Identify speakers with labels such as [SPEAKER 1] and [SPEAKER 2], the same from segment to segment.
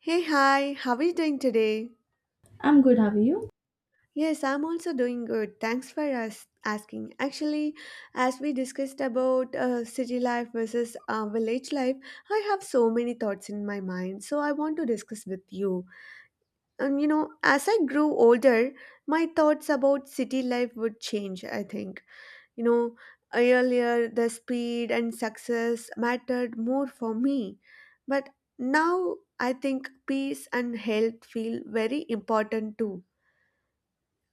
[SPEAKER 1] Hey, hi, how are you doing today?
[SPEAKER 2] I'm good, how are you?
[SPEAKER 1] Yes, I'm also doing good. Thanks for us asking. Actually, as we discussed about city life versus village life, I have so many thoughts in my mind, so I want to discuss with you. And you know, as I grew older, my thoughts about city life would change, I think. You know, earlier the speed and success mattered more for me, but now I think peace and health feel very important too.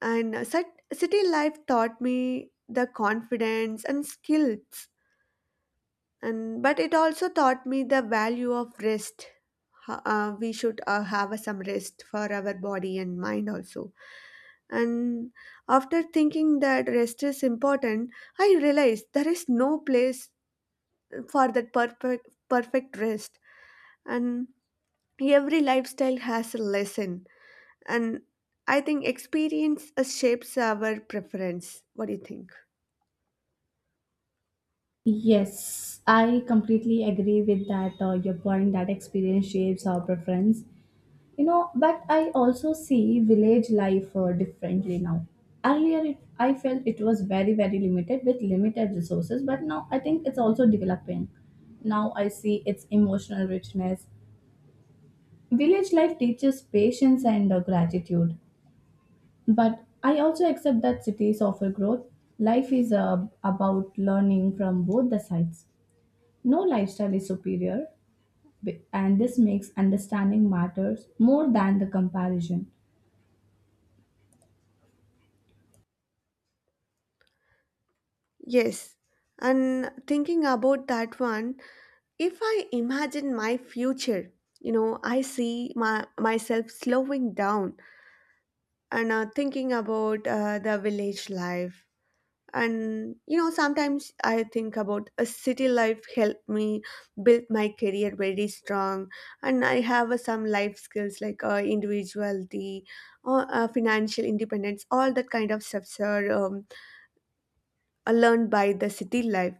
[SPEAKER 1] And city life taught me the confidence and skills, and but it also taught me the value of rest. We should have some rest for our body and mind also. And after thinking that rest is important, I realized there is no place for that perfect rest. And every lifestyle has a lesson, and I think experience shapes our preference. What do you think?
[SPEAKER 2] Yes, I completely agree with that, your point that experience shapes our preference. You know, but I also see village life differently now. Earlier, I felt it was very, very limited with limited resources, but now I think it's also developing. Now I see its emotional richness. Village life teaches patience and gratitude, but I also accept that cities offer growth. Life is about learning from both the sides. No lifestyle is superior, and this makes understanding matters more than the comparison.
[SPEAKER 1] Yes. And thinking about that one, if I imagine my future, you know, I see my myself slowing down and thinking about the village life. And you know, sometimes I think about a city life helped me build my career very strong, and I have some life skills like individuality or financial independence. All that kind of stuffs are learned by the city life.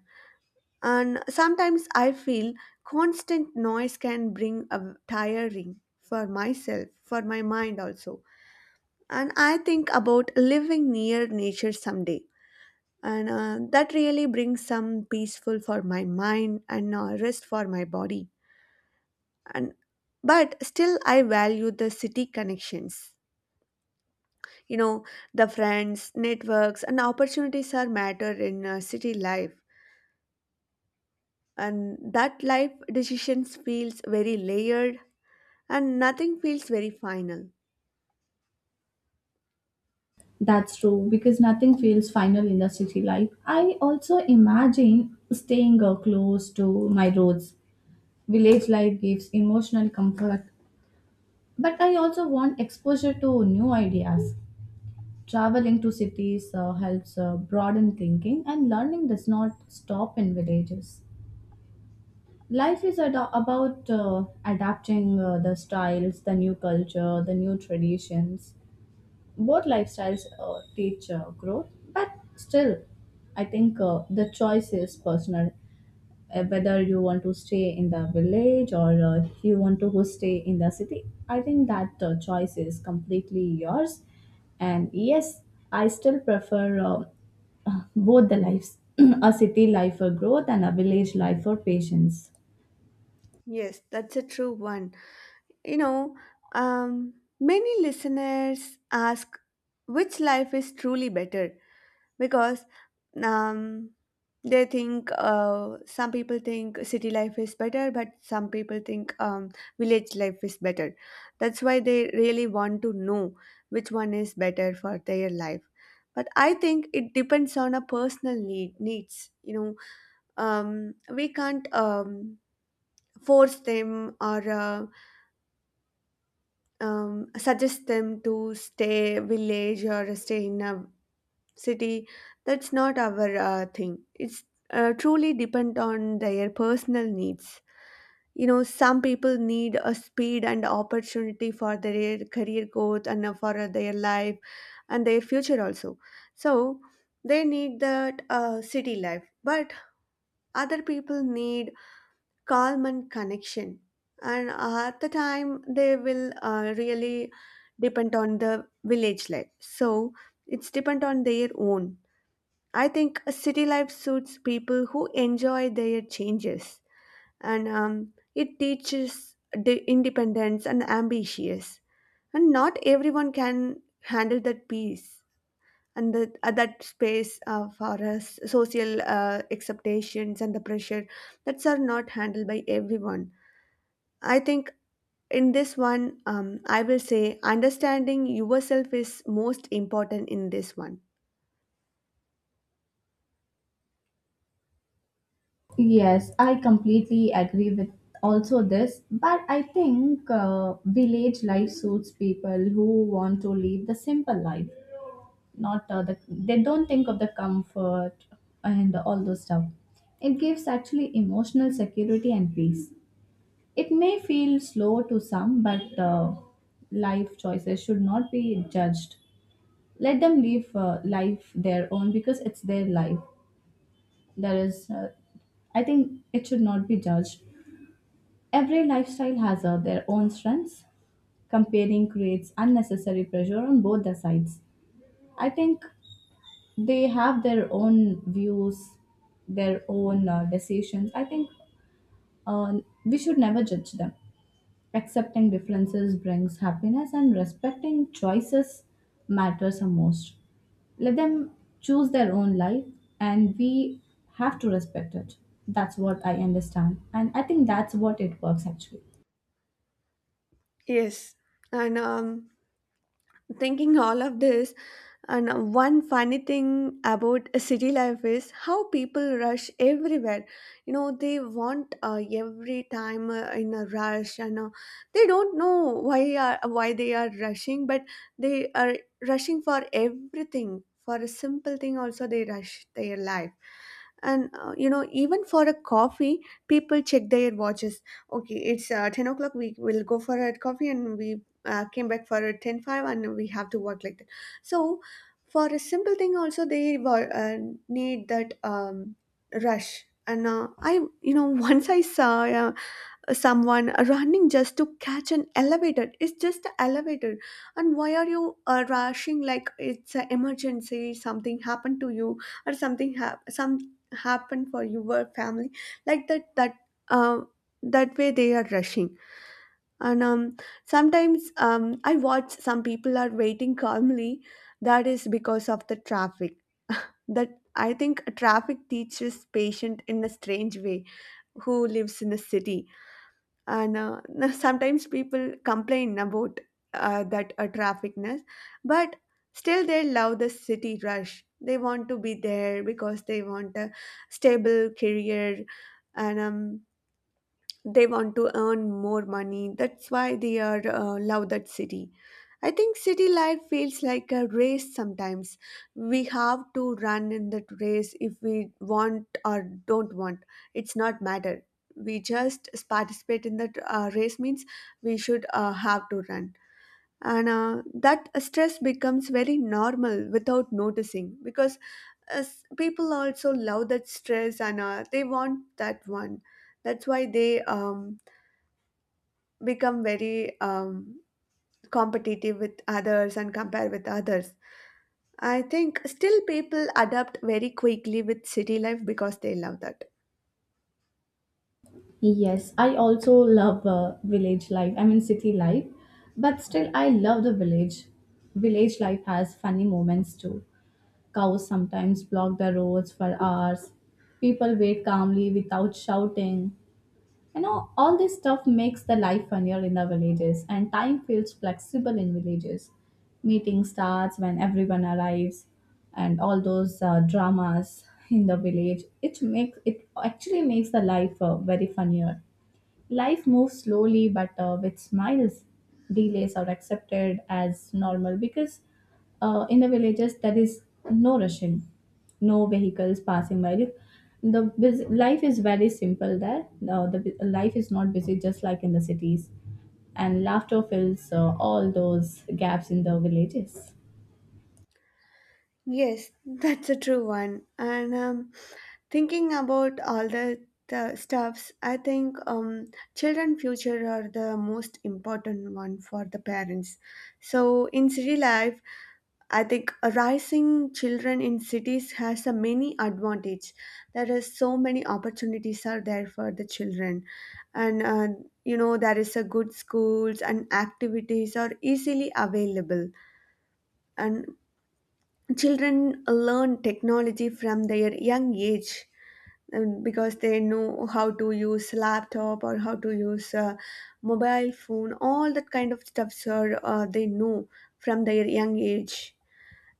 [SPEAKER 1] And sometimes I feel constant noise can bring a tiring for myself, for my mind also. And I think about living near nature someday. And that really brings some peaceful for my mind and rest for my body. And but still, I value the city connections. You know, the friends, networks, and opportunities are matter in city life, and that life decisions feels very layered and nothing feels very final.
[SPEAKER 2] That's true because nothing feels final in the city life. I also imagine staying close to my roads. Village life gives emotional comfort, but I also want exposure to new ideas. Traveling to cities helps broaden thinking, and learning does not stop in villages. Life is about adapting the styles, the new culture, the new traditions. Both lifestyles teach growth, but still I think the choice is personal. Whether you want to stay in the village or you want to go stay in the city, I think that choice is completely yours. And yes, I still prefer both the lives, a city life for growth and a village life for patience.
[SPEAKER 1] Yes, that's a true one. You know, many listeners ask which life is truly better, because um, they think some people think city life is better, but some people think village life is better. That's why they really want to know which one is better for their life. But I think it depends on a personal need, needs. You know, we can't force them or suggest them to stay village or stay in a city. That's not our thing. It's truly depend on their personal needs. You know, some people need a speed and opportunity for their career growth and for their life and their future also. So they need that city life, but other people need calm and connection, and at the time they will really depend on the village life. So it's depend on their own. I think a city life suits people who enjoy their changes, and it teaches the independence and ambitious. And not everyone can handle that peace and the, that space for us social expectations and the pressure. That's are not handled by everyone, I think. In this one, I will say understanding yourself is most important in this one.
[SPEAKER 2] Yes, I completely agree with also this, but I think village life suits people who want to live the simple life, not they don't think of the comfort and all those stuff. It gives actually emotional security and peace. It may feel slow to some, but life choices should not be judged. Let them live life their own because it's their life. There is, I think, it should not be judged. Every lifestyle has their own strengths. Comparing creates unnecessary pressure on both the sides. I think they have their own views, their own decisions. I think uh, we should never judge them. Accepting differences brings happiness, and respecting choices matters the most. Let them choose their own life, and we have to respect it. That's what I understand. And I think that's what it works actually.
[SPEAKER 1] Yes. And thinking all of this, and one funny thing about a city life is how people rush everywhere. You know, they want every time in a rush, and they don't know why they are rushing, but they are rushing for everything. For a simple thing, also they rush their life. And you know, even for a coffee people check their watches. Okay, it's 10 o'clock, we will go for a coffee, and we came back for a 10 five, and we have to work like that. So for a simple thing also they need that rush. And I you know, once I saw someone running just to catch an elevator. It's just an elevator, and why are you rushing like it's an emergency? Something happened to you or something happened for your family, like uh, that way they are rushing. And sometimes I watch some people are waiting calmly. That is because of the traffic. That, I think, traffic teaches patient in a strange way who lives in a city. And sometimes people complain about that trafficness, but still they love the city rush. They want to be there because they want a stable career, and they want to earn more money. That's why they are love that city. I think city life feels like a race sometimes. We have to run in that race if we want or don't want, it's not matter. We just participate in that race means we should have to run. And that stress becomes very normal without noticing, because uh, people also love that stress and they want that one. That's why they become very competitive with others and compare with others. I think still people adapt very quickly with city life because they love that.
[SPEAKER 2] Yes, I also love village life. I mean, city life, but still, I love the village. Village life has funny moments too. Cows sometimes block the roads for hours. People wait calmly without shouting. You know, all this stuff makes the life funnier in the villages, and time feels flexible in villages. Meeting starts when everyone arrives, and all those dramas in the village. It makes it, actually makes the life very funnier. Life moves slowly but with smiles. Delays are accepted as normal because in the villages there is no rushing, no vehicles passing by. Look, the life is very simple there. No, the life is not busy just like in the cities, and laughter fills all those gaps in the villages.
[SPEAKER 1] Yes, that's a true one. And thinking about all the, stuffs, I think children future are the most important one for the parents. So in city life, I think raising children in cities has a many advantage. There is so many opportunities are there for the children, and you know, there is a good schools and activities are easily available. And children learn technology from their young age, because they know how to use laptop or how to use mobile phone. All that kind of stuffs are they know from their young age.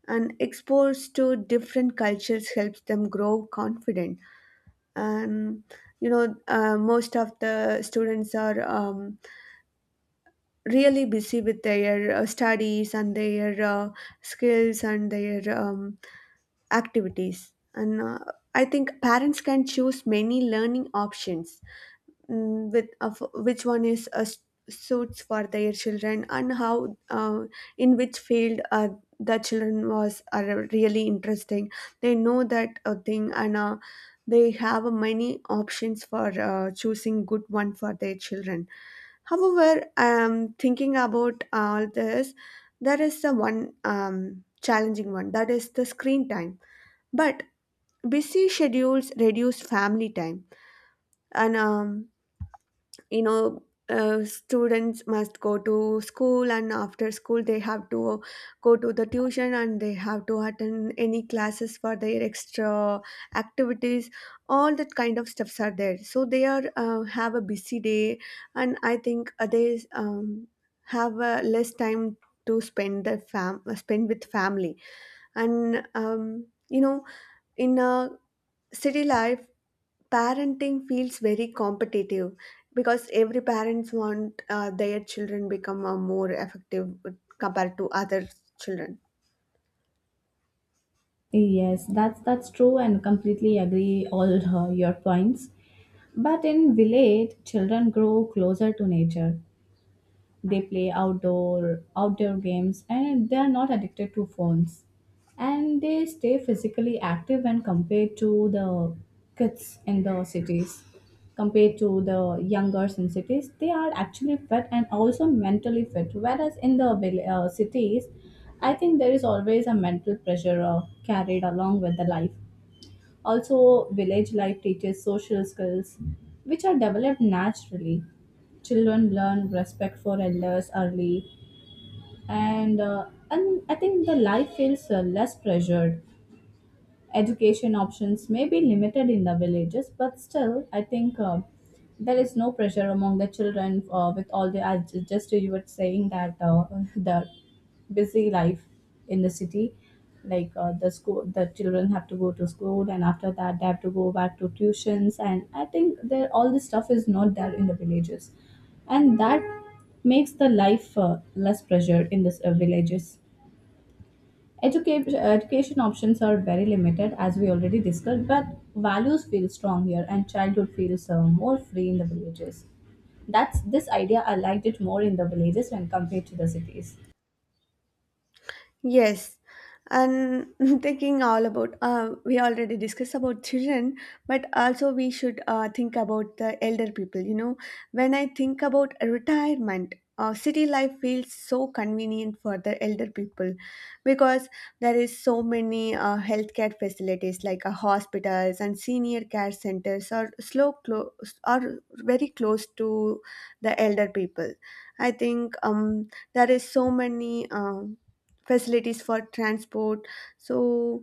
[SPEAKER 1] And exposed to different cultures helps them grow confident. And you know, most of the students are really busy with their studies and their skills and their activities and I think parents can choose many learning options, with of which one is suits for their children and how in which field the children was are really interesting. They know that thing, and they have many options for choosing good one for their children. However, thinking about all this, there is the one challenging one, that is the screen time. But busy schedules reduce family time. And you know, students must go to school, and after school they have to go to the tuition and they have to attend any classes for their extra activities. All that kind of stuffs are there, so they are have a busy day. And I think they have less time to spend with family. And you know, in a city life parenting feels very competitive, because every parents want their children become more effective compared to other children.
[SPEAKER 2] Yes, that's true, and completely agree all your points. But in village, children grow closer to nature. They play outdoor games, and they are not addicted to phones, and they stay physically active when compared to the kids in the cities. Compared to the younger in cities, they are actually fit and also mentally fit, whereas in the cities I think there is always a mental pressure carried along with the life. Also, village life teaches social skills, which are developed naturally. Children learn respect for elders early, and I think the life feels less pressured. Education options may be limited in the villages, but still, I think there is no pressure among the children with all the, as just you were saying that the busy life in the city, like the school, the children have to go to school, and after that they have to go back to tuitions, and I think there all this stuff is not there in the villages. And that makes the life less pressured in this villages. Education, education options are very limited, as we already discussed, but values feel strong here, and childhood feels more free in the villages. That's this idea. I liked it more in the villages when compared to the cities.
[SPEAKER 1] Yes, and thinking all about we already discussed about children, but also we should think about the elder people. You know, when I think about retirement, city life feels so convenient for the elder people, because there is so many healthcare facilities like hospitals and senior care centers are slow close are very close to the elder people. I think there is so many facilities for transport, so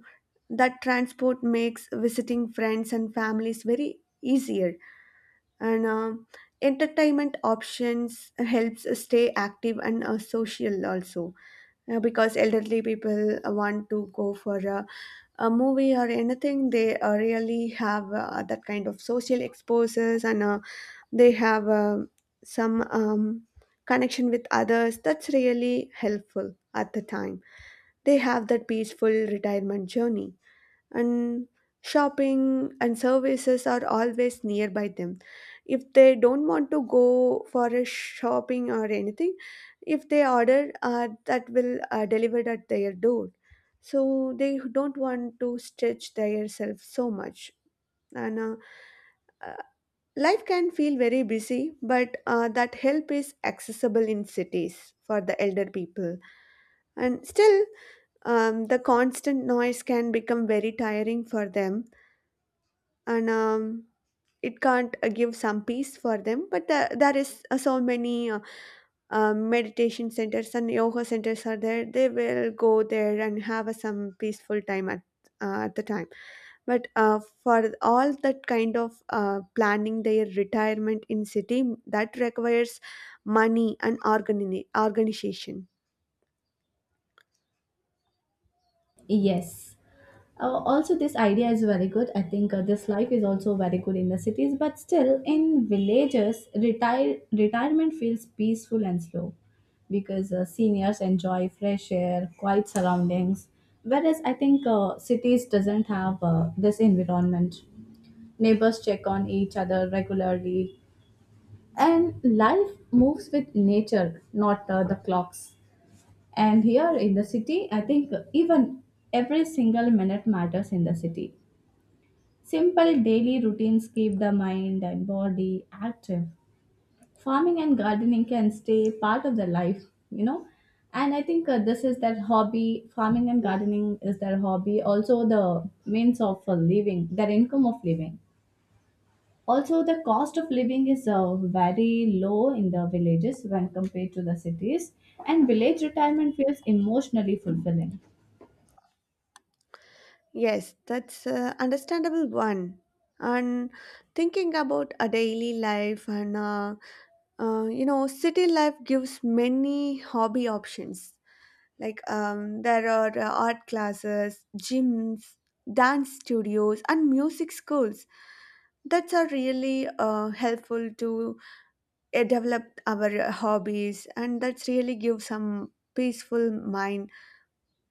[SPEAKER 1] that transport makes visiting friends and families very easier. And entertainment options helps stay active and social also. Because elderly people want to go for a movie or anything, they really have that kind of social exposures, and they have some um, connection with others. That's really helpful. At the time, they have that peaceful retirement journey, and shopping and services are always nearby them. If they don't want to go for a shopping or anything, if they order, that will delivered at their door. So they don't want to stretch themselves so much, and uh, life can feel very busy, but that help is accessible in cities for the elder people. And still, the constant noise can become very tiring for them, and it can't give some peace for them. But the, there is so many meditation centers and yoga centers are there, they will go there and have some peaceful time at the time. But for all that kind of planning their retirement in city that requires money and organization.
[SPEAKER 2] Yes. Also, this idea is very good. I think this life is also very good in the cities, but still in villages, retirement feels peaceful and slow because seniors enjoy fresh air, quiet surroundings. Whereas I think cities doesn't have this environment. Neighbors check on each other regularly, and life moves with nature, not the clocks. And here in the city, I think even every single minute matters in the city. Simple daily routines keep the mind and body active. Farming and gardening can stay part of their life, you know. And I think this is their hobby. Farming and gardening is their hobby. Also, the means of living, their income of living. Also, the cost of living is very low in the villages when compared to the cities. And village retirement feels emotionally fulfilling.
[SPEAKER 1] Yes, that's a understandable one. And thinking about a daily life and you know, city life gives many hobby options. Like, there are art classes, gyms, dance studios, and music schools. That's are really helpful to develop our hobbies, and that's really give some peaceful mind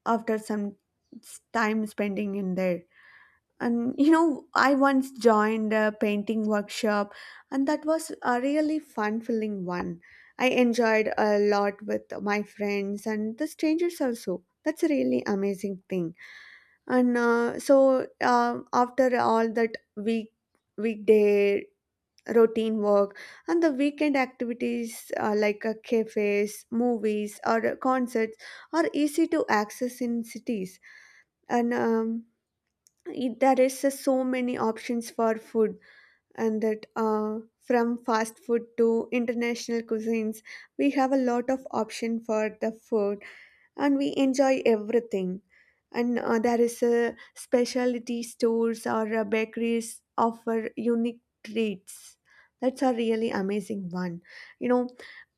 [SPEAKER 1] after some time spending in there. And you know, I once joined a painting workshop, and that was a really fun filling one. I enjoyed a lot with my friends and the strangers also. That's a really amazing thing. And so After all that weekday routine work and the weekend activities, like cafes, movies, or concerts are easy to access in cities. and um, there is so many options for food, and that, from fast food to international cuisines, we have a lot of option for the food, and we enjoy everything. And there is a specialty stores or bakeries offer unique treats. That's a really amazing one, you know.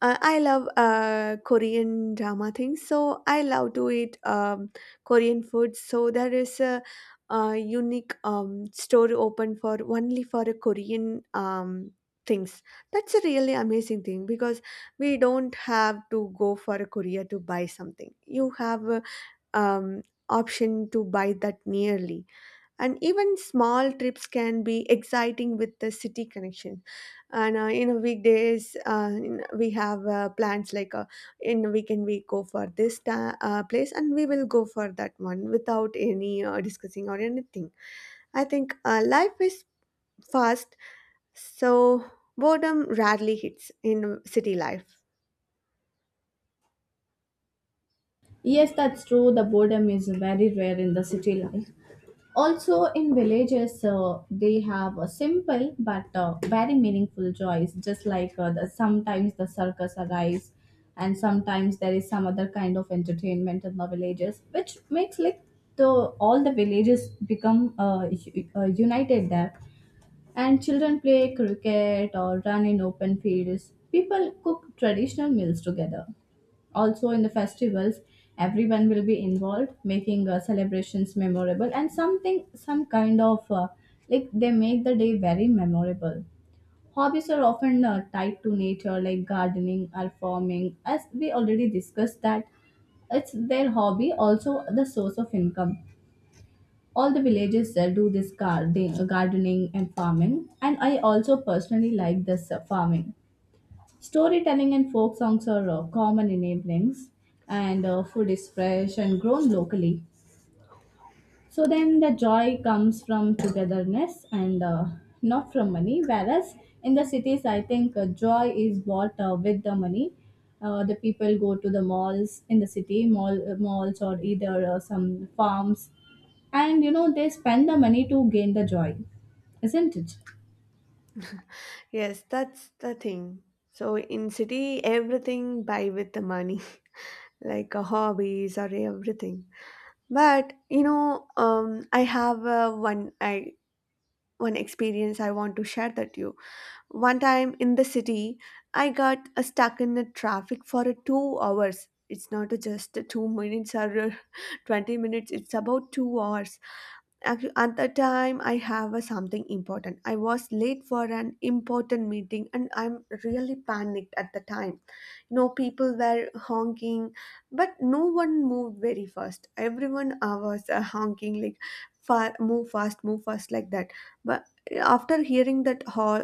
[SPEAKER 1] I love Korean drama things, so I love to eat Korean food. So there is unique store open for only for a Korean things. That's a really amazing thing, because we don't have to go for a courier to buy something. You have a um, option to buy that nearly. And even small trips can be exciting with the city connection. And in a weekdays, we have plans like, in a weekend we go for this place, and we will go for that one without any discussing or anything. I think life is fast, so boredom rarely hits in city life.
[SPEAKER 2] Yes, that's true. The boredom is very rare in the city life. Also, in villages, they have a simple but very meaningful joys, just like sometimes the circus arrives, and sometimes there is some other kind of entertainment in the villages, which makes like the all the villages become united there. And children play cricket or run in open fields. People cook traditional meals together. Also, in the festivals, everyone will be involved, making celebrations memorable and something, some kind of like they make the day very memorable. Hobbies are often tied to nature, like gardening or farming, as we already discussed that it's their hobby, also the source of income. All the villages do this gardening and farming, and I also personally like this farming. Storytelling and folk songs are common enablings, and food is fresh and grown locally. So then the joy comes from togetherness and not from money. Whereas in the cities, I think joy is bought with the money. The people go to the malls in the city, malls or either some farms, and you know they spend the money to gain the joy, isn't it?
[SPEAKER 1] Yes, that's the thing. So in city, everything buy with the money, like hobbies or everything. But you know, I have one experience I want to share that you. One time in the city, I got stuck in the traffic for 2 hours. It's not just 2 minutes or 20 minutes. It's about 2 hours. At the time I have a something important. I was late for an important meeting, and I'm really panicked at the time. You know, people were honking, but no one moved very fast. Everyone was honking like move fast, move fast, like that. But after hearing that all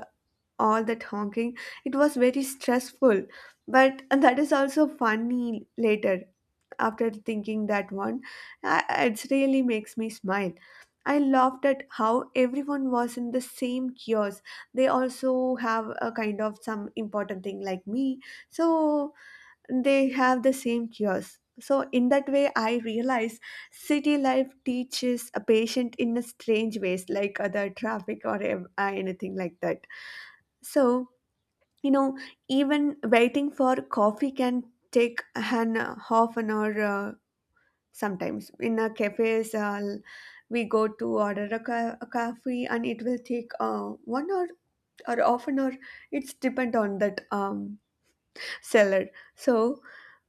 [SPEAKER 1] all that honking, it was very stressful. But that is also funny later, after thinking that one. I, it really makes me smile. I laughed at how everyone was in the same kiosk. They also have a kind of some important thing like me. So they have the same kiosk. So in that way, I realize city life teaches a patient in a strange ways, like other traffic or anything like that. So you know, even waiting for coffee can take an half an hour. Sometimes in a cafes, we go to order a coffee, and it will take 1 hour or half an hour. It's depend on that seller. So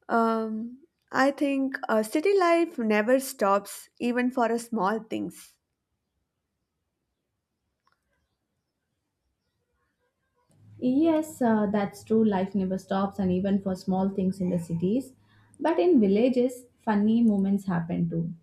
[SPEAKER 1] um, I think city life never stops even for a small things.
[SPEAKER 2] Yes, that's true. Life never stops, and even for small things in the cities. But in villages, funny moments happen too.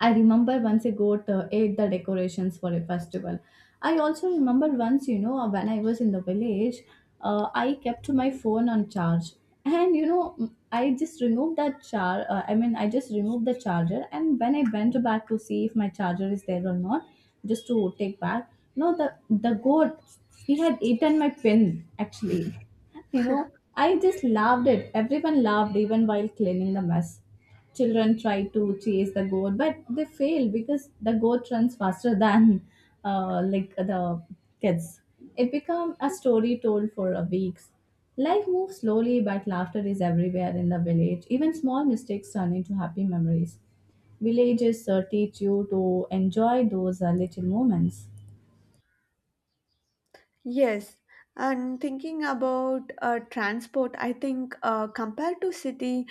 [SPEAKER 2] I remember once I got ate the decorations for a festival. I also remember once, you know, when I was in the village, I kept my phone on charge, and you know, I just removed that char. I mean, I just removed the charger, and when I went back to see if my charger is there or not, just to take back, no, the goat, he had eaten my pin actually. You know, I just loved it. Everyone laughed even while cleaning the mess. Children try to chase the goat, but they fail because the goat runs faster than like the kids. It become a story told for a weeks. Life moves slowly, but laughter is everywhere in the village. Even small mistakes turn into happy memories. Villages teach you to enjoy those little moments.
[SPEAKER 1] Yes. And thinking about transport, I think compared to city,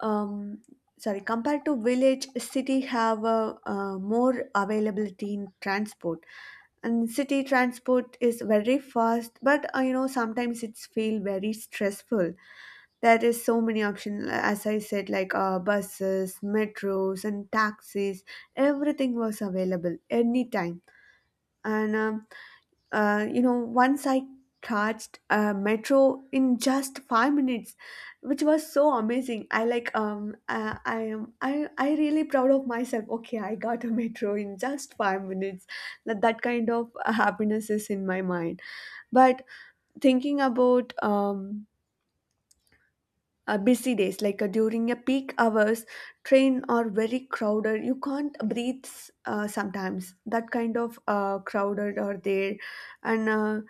[SPEAKER 1] um, sorry, compared to village, city have a, more availability in transport. And city transport is very fast, but you know, sometimes it's feel very stressful. There is so many options, as I said, like buses, metros, and taxis. Everything was available anytime. And You know, once I charged a metro in just 5 minutes, which was so amazing. I like I am I really proud of myself. Okay, I got a metro in just 5 minutes. That kind of happiness is in my mind. But thinking about. Busy days, like during a peak hours, train are very crowded, you can't breathe. Sometimes that kind of crowded are there. And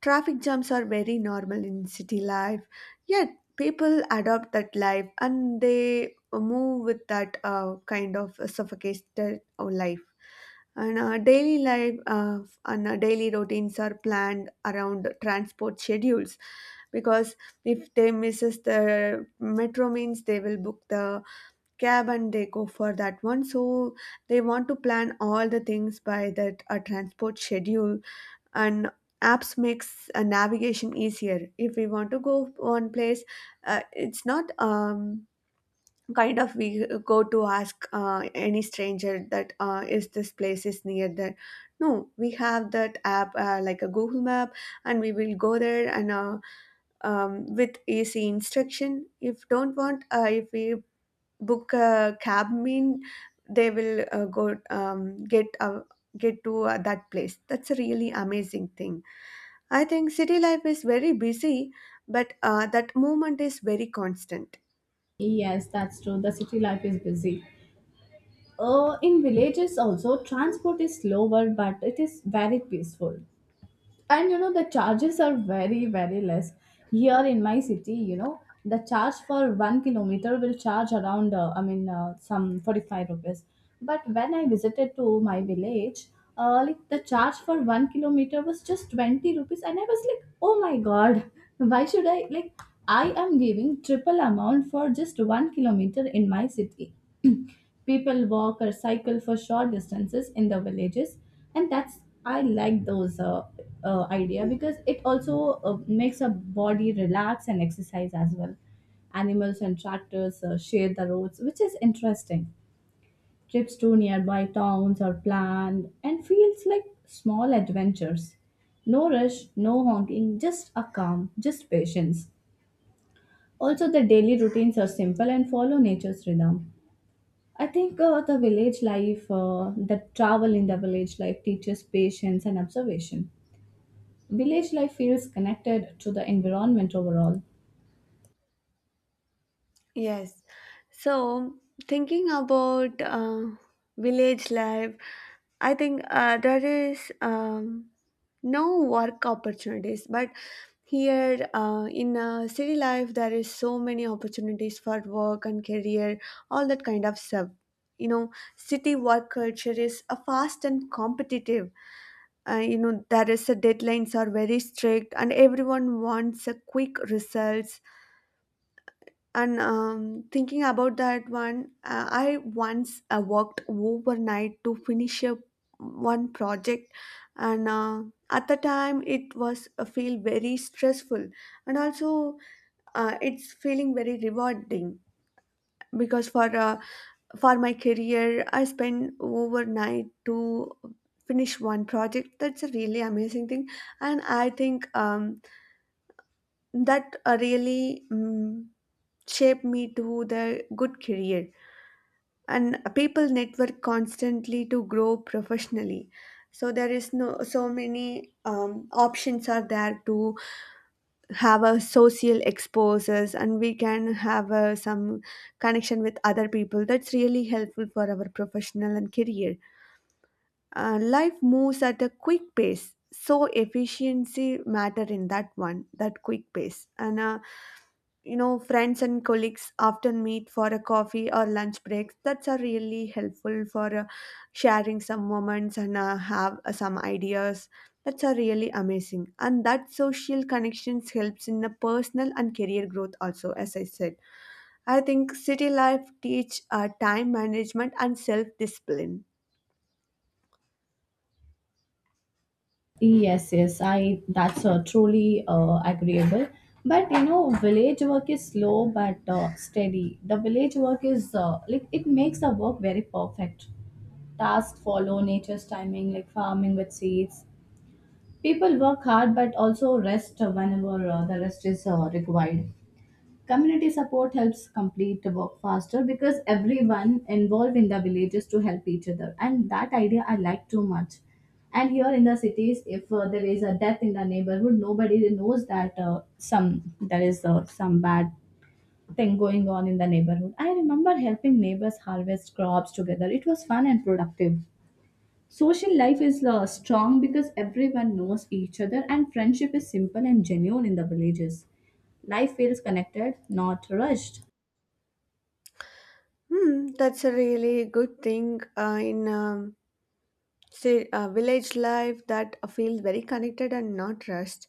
[SPEAKER 1] Traffic jams are very normal in city life, yet people adopt that life and they move with that kind of suffocated life. And uh, daily life uh, and daily routines are planned around transport schedules, because if they misses the metro means they will book the cab and they go for that one. So they want to plan all the things by that transport schedule. And apps makes navigation easier. If we want to go one place, it's not kind of we go to ask any stranger that is this place is near there. No, we have that app, like a Google Map, and we will go there. And With easy instruction, if don't want, if we book a cab mean, they will go get to that place. That's a really amazing thing. I think city life is very busy, but that movement is very constant.
[SPEAKER 2] Yes, that's true. The city life is busy. In villages also, transport is slower, but it is very peaceful. And you know, the charges are very, very less. Here in my city, you know, the charge for 1 kilometer will charge around some 45 rupees. But when I visited to my village, like, the charge for 1 kilometer was just 20 rupees, and I was like, oh my god. Why should I, like, I am giving triple amount for just 1 kilometer in my city. People walk or cycle for short distances in the villages, and that's, I like those idea because it also makes a body relax and exercise as well. Animals and tractors share the roads, which is interesting. Trips to nearby towns are planned and feels like small adventures. No rush, no honking, just a calm, just patience. Also, the daily routines are simple and follow nature's rhythm. I think the village life, the travel in the village life teaches patience and observation. Village life feels connected to the environment overall.
[SPEAKER 1] Yes. So, thinking about village life, I think there is no work opportunities, but here in city life, there is so many opportunities for work and career, all that kind of stuff. You know, city work culture is fast and competitive. You know, there is a deadlines are very strict, and everyone wants a quick results. And Thinking about that one, I once worked overnight to finish a one project. And At the time it was feel very stressful, and also it's feeling very rewarding, because for my career I spend overnight to finish one project. That's a really amazing thing. And I think that really shaped me to the good career. And people network constantly to grow professionally. So there is no so many um, options are there to have a social exposures, and we can have some connection with other people. That's really helpful for our professional and career. Life moves at a quick pace, so efficiency matter in that one, that quick pace. And you know, friends and colleagues often meet for a coffee or lunch breaks. That's are really helpful for sharing some moments and have some ideas. That's are really amazing, and that social connections helps in the personal and career growth also, as I said. I think city life teach time management and self discipline.
[SPEAKER 2] Yes, yes, I that's truly agreeable. But you know, village work is slow but steady. The village work is like it makes the work very perfect. Tasks follow nature's timing, like farming with seeds. People work hard but also rest whenever the rest is required. Community support helps complete the work faster because everyone involved in the villages to help each other, and that idea I like too much. And here in the cities, if there is a death in the neighborhood, nobody knows that some there is some bad thing going on in the neighborhood. I remember helping neighbors harvest crops together. It was fun and productive. Social life is strong because everyone knows each other, and friendship is simple and genuine in the villages. Life feels connected, not rushed.
[SPEAKER 1] Hmm, that's a really good thing in say village life, that feels very connected and not rushed.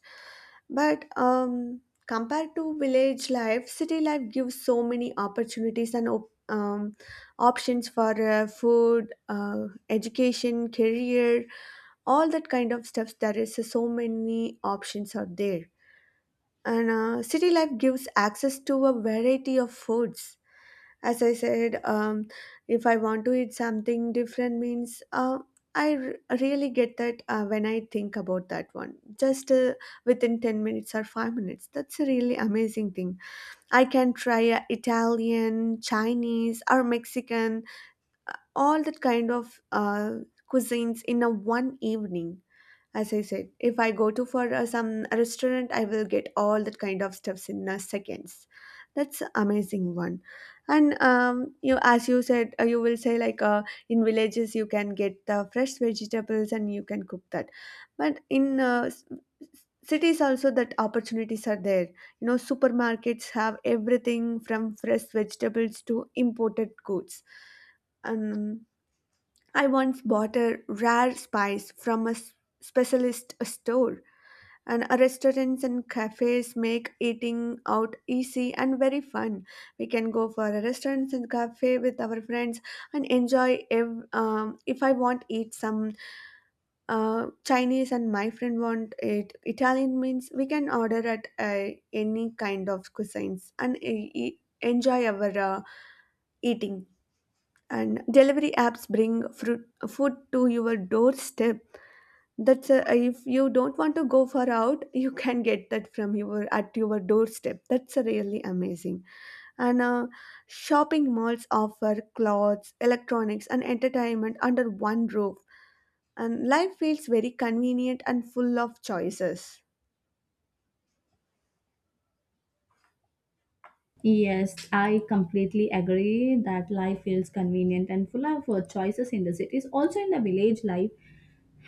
[SPEAKER 1] But compared to village life, city life gives so many opportunities and options for food, education, career, all that kind of stuff. There is so many options out there, and city life gives access to a variety of foods. As I said, if I want to eat something different means, I really get that, when I think about that one, just within 10 minutes or 5 minutes. That's a really amazing thing. I can try Italian, Chinese, or Mexican, all that kind of cuisines in a one evening. As I said, if I go to for some restaurant, I will get all that kind of stuffs in seconds. That's amazing one. And you, as you said, you will say like in villages you can get the fresh vegetables and you can cook that. But in cities also that opportunities are there. You know, supermarkets have everything from fresh vegetables to imported goods. And I once bought a rare spice from a specialist store. And restaurants and cafes make eating out easy and very fun. We can go for a restaurant and cafe with our friends and enjoy. If I want eat some Chinese, and my friend want it Italian means, we can order at any kind of cuisines and enjoy our eating. And delivery apps bring fruit, food to your doorstep. That's a, if you don't want to go far out, you can get that from your at your doorstep. That's a really amazing. And shopping malls offer clothes, electronics, and entertainment under one roof. And life feels very convenient and full of choices.
[SPEAKER 2] Yes, I completely agree that life feels convenient and full of choices in the cities. Also, in the village, life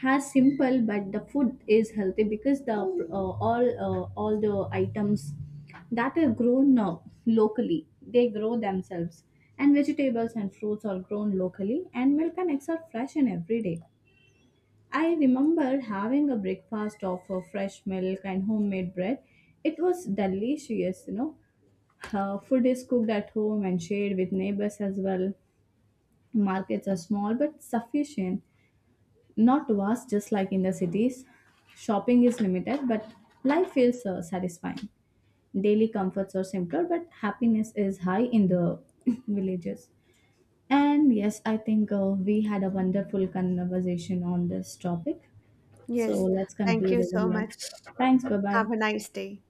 [SPEAKER 2] has simple, but the food is healthy because the all the items that are grown locally, they grow themselves, and vegetables and fruits are grown locally, and milk and eggs are fresh and every day. I remember having a breakfast of fresh milk and homemade bread. It was delicious, you know, food is cooked at home and shared with neighbors as well. Markets are small but sufficient, not vast just like in the cities. Shopping is limited but life feels satisfying. Daily comforts are simpler but happiness is high in the villages. And yes, I think we had a wonderful conversation on this topic. So
[SPEAKER 1] Yes,
[SPEAKER 2] let's
[SPEAKER 1] thank
[SPEAKER 2] conclude
[SPEAKER 1] you
[SPEAKER 2] over
[SPEAKER 1] so
[SPEAKER 2] here.
[SPEAKER 1] much.
[SPEAKER 2] Thanks, bye bye.
[SPEAKER 1] Have a nice day.